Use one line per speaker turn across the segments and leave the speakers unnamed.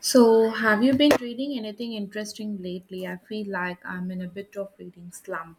So, have you been reading anything interesting lately? I feel like I'm in a bit of reading slump.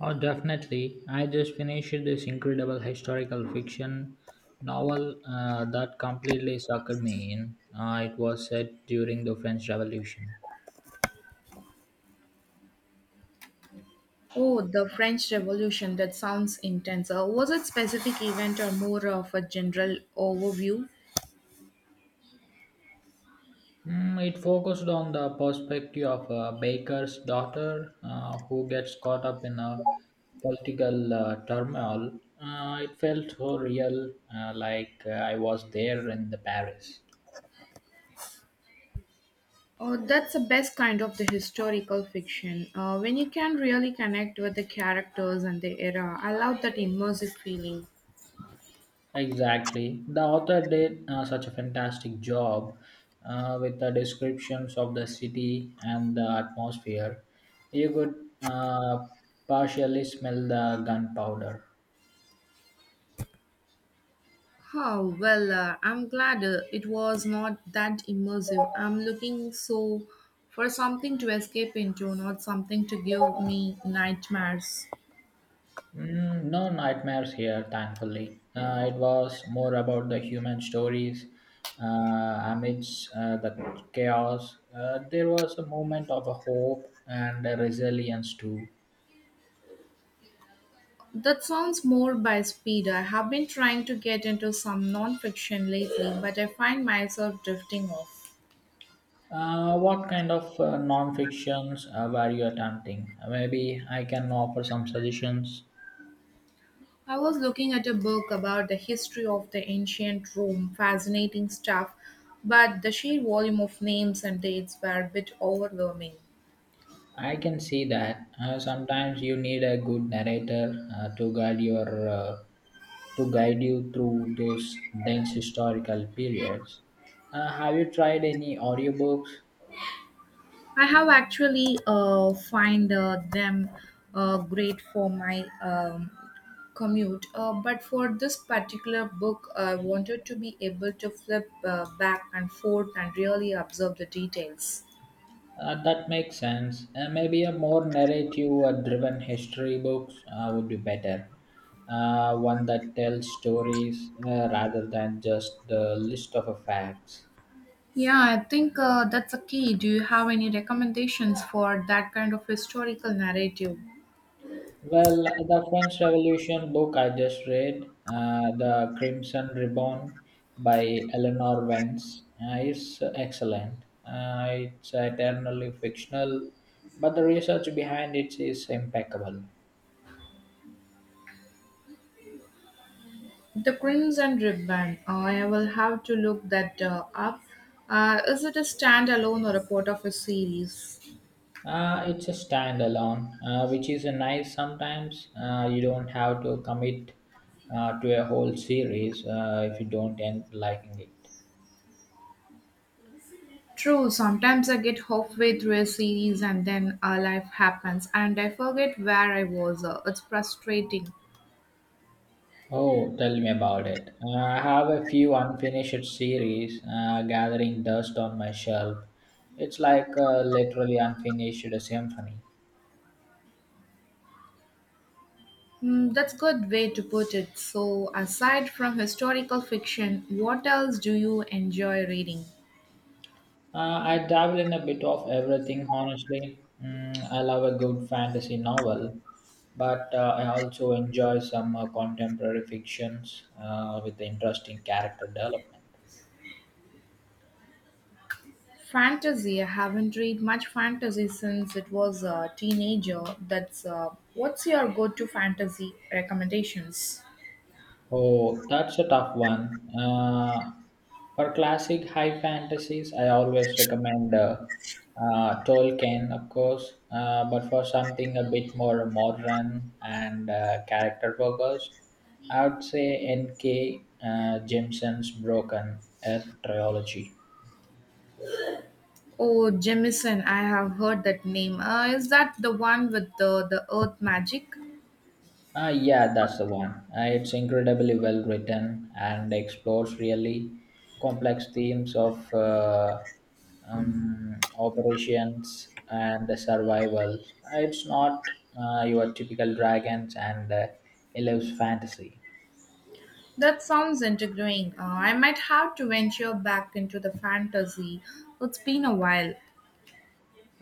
Oh, definitely. I just finished this incredible historical fiction novel that completely sucked me in. It was set during the French Revolution.
Oh, the French Revolution, that sounds intense. Was it specific event or more of a general overview?
Mm, it focused on the perspective of a baker's daughter who gets caught up in a political turmoil. It felt so real, like I was there in the Paris.
Oh, that's the best kind of the historical fiction, when you can really connect with the characters and the era. I love that immersive feeling.
Exactly. The author did such a fantastic job with the descriptions of the city and the atmosphere. You could uh, partially smell the gunpowder.
Oh, well, I'm glad it was not that immersive. I'm looking so for something to escape into, not something to give me nightmares.
Mm, no nightmares here, thankfully. It was more about the human stories uh, amidst the chaos. There was a moment of a hope and a resilience too.
That sounds more by speed. I have been trying to get into some non-fiction lately, but I find myself drifting off.
What kind of non-fictions were you attempting? Maybe I can offer some suggestions.
I was looking at a book about the history of the ancient Rome, fascinating stuff, but the sheer volume of names and dates were a bit overwhelming.
I can see that, sometimes you need a good narrator to guide you through those dense historical periods. Have you tried any audiobooks?
I have actually find them great for my commute, but for this particular book, I wanted to be able to flip back and forth and really observe the details.
That makes sense. Maybe a more narrative-driven history books would be better. One that tells stories rather than just the list of facts.
Yeah, I think that's a key. Do you have any recommendations for that kind of historical narrative?
Well, the French Revolution book I just read, The Crimson Ribbon by Eleanor Vance, is excellent. It's eternally fictional, but the research behind it is impeccable.
The Crimson Ribbon. I will have to look that up. Is it a standalone or a part of a series?
It's a standalone, which is a nice sometimes. You don't have to commit to a whole series if you don't end liking it.
True, sometimes I get halfway through a series and then life happens and I forget where I was. It's frustrating.
Oh, tell me about it. I have a few unfinished series gathering dust on my shelf. It's like a literally unfinished symphony.
Hmm, that's good way to put it. So, aside from historical fiction, what else do you enjoy reading?
I dabble in a bit of everything, honestly. Mm, I love a good fantasy novel, but I also enjoy some contemporary fictions with interesting character development.
Fantasy. I haven't read much fantasy since it was a teenager. That's What's your go-to fantasy recommendations?
Oh, that's a tough one. For classic high fantasies, I always recommend Tolkien, of course, but for something a bit more modern and, character focused, I would say N.K. Jemisin's Broken Earth trilogy.
Oh, Jemison, I have heard that name. Is that the one with the earth magic?
Ah, yeah, that's the one. It's incredibly well written and explores really complex themes of operations and the survival. It's not your typical dragons and it lives fantasy.
That sounds intriguing. I might have to venture back into the fantasy. It's been a while.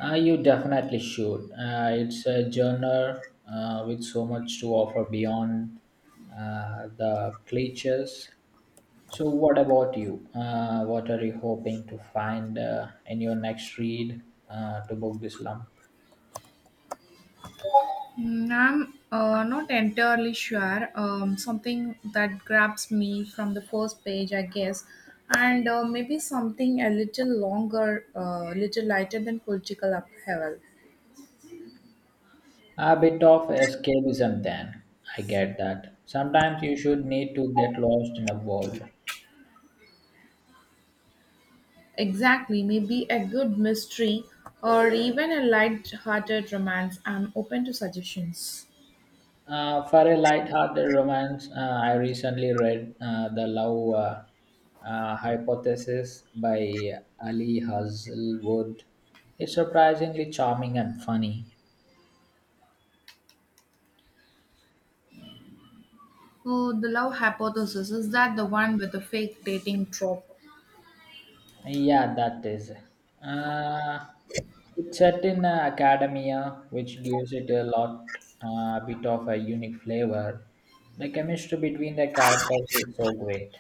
You definitely should. It's a genre with so much to offer beyond the cliches. So, what about you? What are you hoping to find in your next read to book this lump?
I'm not entirely sure. Something that grabs me from the first page, I guess, and maybe something a little longer, a little lighter than political upheaval.
A bit of escapism, then. I get that. Sometimes you should need to get lost in a world.
Exactly. Maybe a good mystery or even a light-hearted romance. I'm open to suggestions.
For a light-hearted romance, I recently read The Love Hypothesis by Ali Hazelwood. It's surprisingly charming and funny.
Oh, the love hypothesis is that the one with the fake dating trope.
Yeah, that is. Uh, it's set in academia, which gives it a lot, bit of a unique flavor. The chemistry between the characters is so great.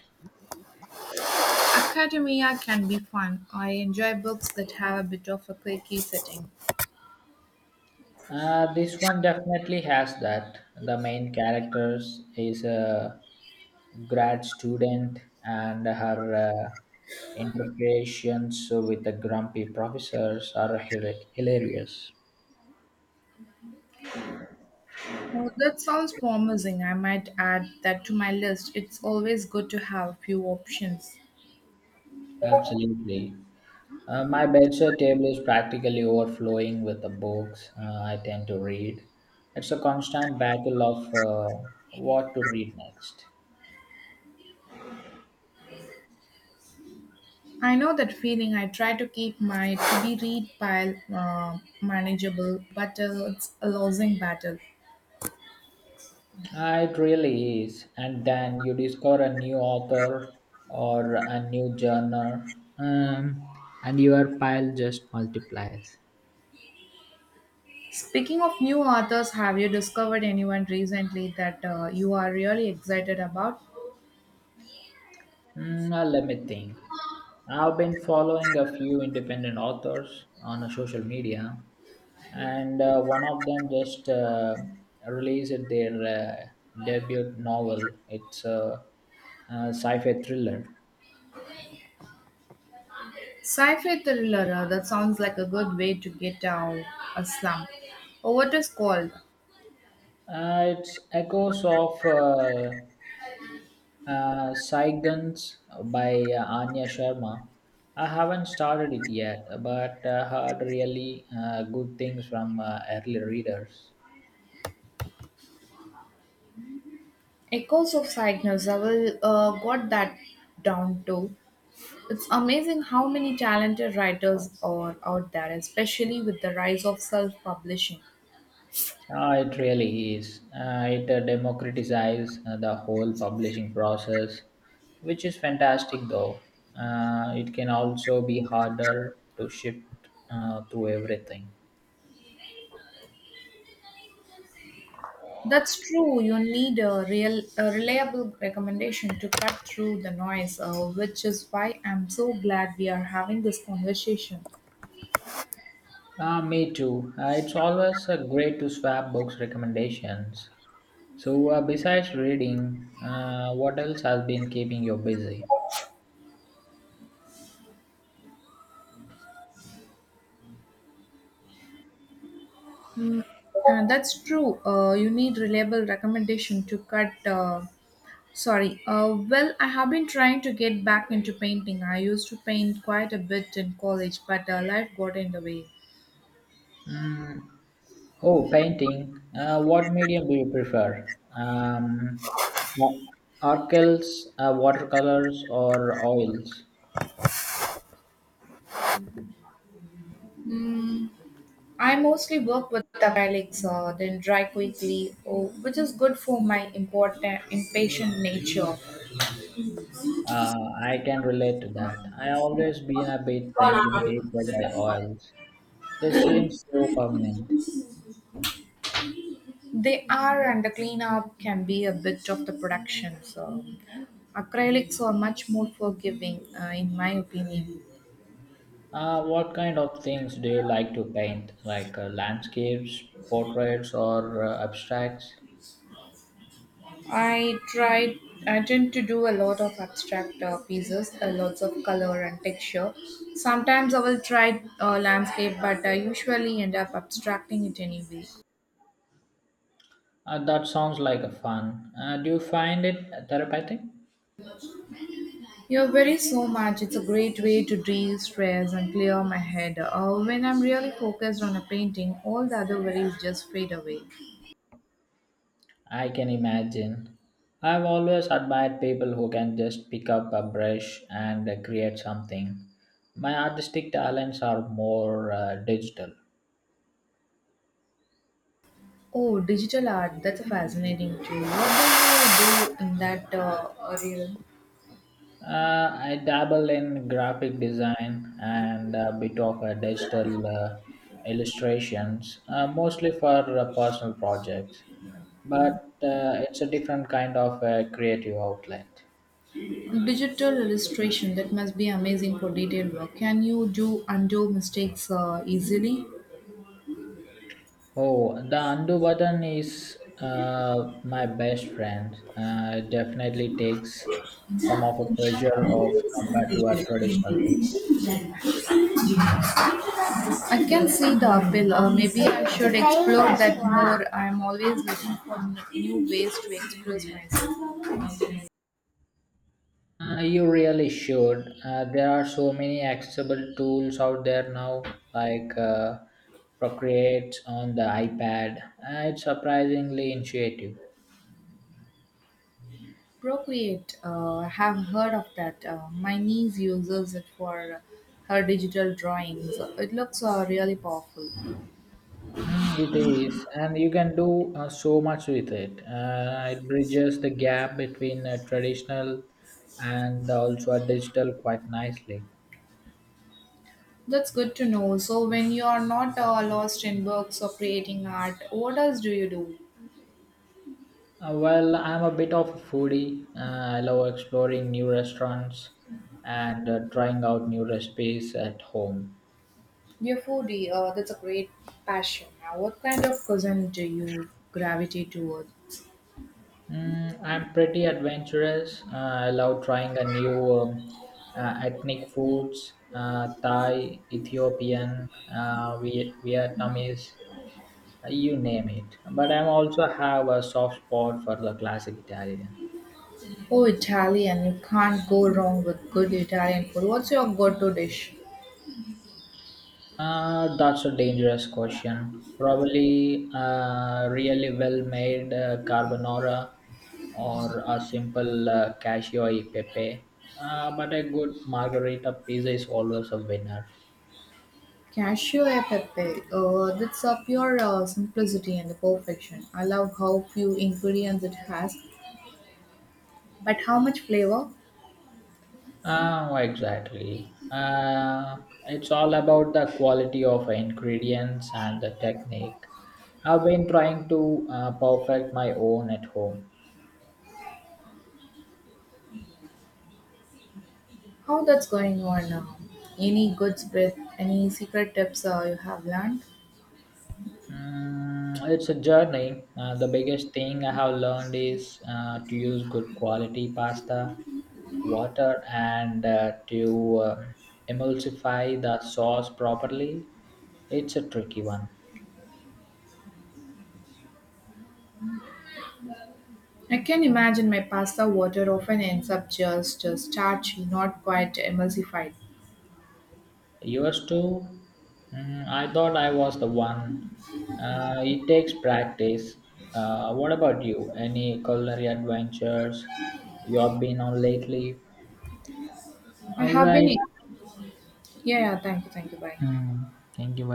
Academia can be fun. I enjoy books that have a bit of a quirky setting.
This one definitely has that. The main characters is a grad student and her interpretations with the grumpy professors are hilarious.
Oh, that sounds promising. I might add that to my list. It's always good to have a few options.
Absolutely. My bedside table is practically overflowing with the books I tend to read. It's a constant battle of what to read next.
I know that feeling. I try to keep my to be read pile manageable, but it's a losing battle.
Ah, it really is. And then you discover a new author or a new genre, um, and your pile just multiplies.
Speaking of new authors, have you discovered anyone recently that you are really excited about?
Mm, now let me think. I've been following a few independent authors on social media, and one of them just released their debut novel. It's a, sci fi thriller.
Sci-fi thriller, that sounds like a good way to get out a slump. Or what is called
It's echoes of Saigans by Anya Sharma. I haven't started it yet, but heard really good things from early readers.
Echoes of Cygnus. I will got that down too. It's amazing how many talented writers are out there, especially with the rise of self-publishing.
Ah, it really is. It democratizes the whole publishing process, which is fantastic though. It can also be harder to shift through everything.
That's true. You need a real, a reliable recommendation to cut through the noise, which is why I'm so glad we are having this conversation.
Ah, me too. It's always great to swap books recommendations. So, besides reading, what else has been keeping you busy?
Mm, that's true. You need reliable recommendation to cut. Sorry. Well, I have been trying to get back into painting. I used to paint quite a bit in college, but life got in the way.
Mm, oh, painting. What medium do you prefer? Wa- Orchils, watercolors, or oils?
Mm, I mostly work with acrylics, then dry quickly, oh, which is good for my important impatient nature.
Uh, I can relate to that. I always been a bit intimidated by oils. They seem so permanent.
They are, and the cleanup can be a bit of the production. So, acrylics are much more forgiving, in my opinion.
What kind of things do you like to paint? Like, landscapes, portraits, or abstracts?
I tried. I tend to do a lot of abstract pieces, lots of color and texture. Sometimes I will try landscape, but I usually end up abstracting it anyway.
That sounds like a fun. Do you find it therapeutic?
You're very so much. It's a great way to de-stress and clear my head. When I'm really focused on a painting, all the other worries just fade away.
I can imagine. I've always admired people who can just pick up a brush and create something. My artistic talents are more digital.
Oh, digital art. That's fascinating too. What do you do in that realm?
I dabble in graphic design and a bit of digital illustrations, mostly for personal projects. But it's a different kind of creative outlet.
Digital illustration that must be amazing for detailed work, can you do undo mistakes easily?
Oh, the undo button is my best friend. It definitely takes some of the pressure off compared to our traditional media.
I can see the appeal. Uh, maybe I should explore that more. I'm always looking for new ways to express myself.
You really should. There are so many accessible tools out there now, like Procreate on the iPad. It's surprisingly intuitive.
Procreate, have heard of that. Uh, my niece uses it for her digital drawings. It looks really powerful.
Mm, it is, and you can do so much with it. It bridges the gap between traditional and also a digital quite nicely.
That's good to know. So when you are not lost in books or creating art, what else do you do?
Well, I'm a bit of a foodie. I love exploring new restaurants and trying out new recipes at home.
You're foodie, that's a great passion. Now, what kind of cuisine do you gravitate toward?
Mm, I'm pretty adventurous. I love trying a new ethnic foods, Thai, Ethiopian, Vietnamese, you name it. But I also have a soft spot for the classic Italian.
Oh, Italian. You can't go wrong with good Italian food. What's your go-to dish?
That's a dangerous question. Probably a really well made carbonara or a simple cashew e pepe. But a good margarita pizza is always a winner.
Cashew e pepe. That's a pure simplicity and the perfection. I love how few ingredients it has, but how much flavor?
Ah, exactly. It's all about the quality of ingredients and the technique. I've been trying to perfect my own at home.
How that's going on now? Any good breath? Any secret tips you have learned?
Mm, it's a journey. The biggest thing I have learned is to use good quality pasta, water, and to emulsify the sauce properly. It's a tricky one.
I can imagine my pasta water often ends up just starchy, not quite emulsified.
Yours too? Mm, I thought I was the one. It takes practice. What about you? Any culinary adventures you have been on lately?
I
All
have been,
right.
yeah, yeah, thank you, bye.
Mm, thank you very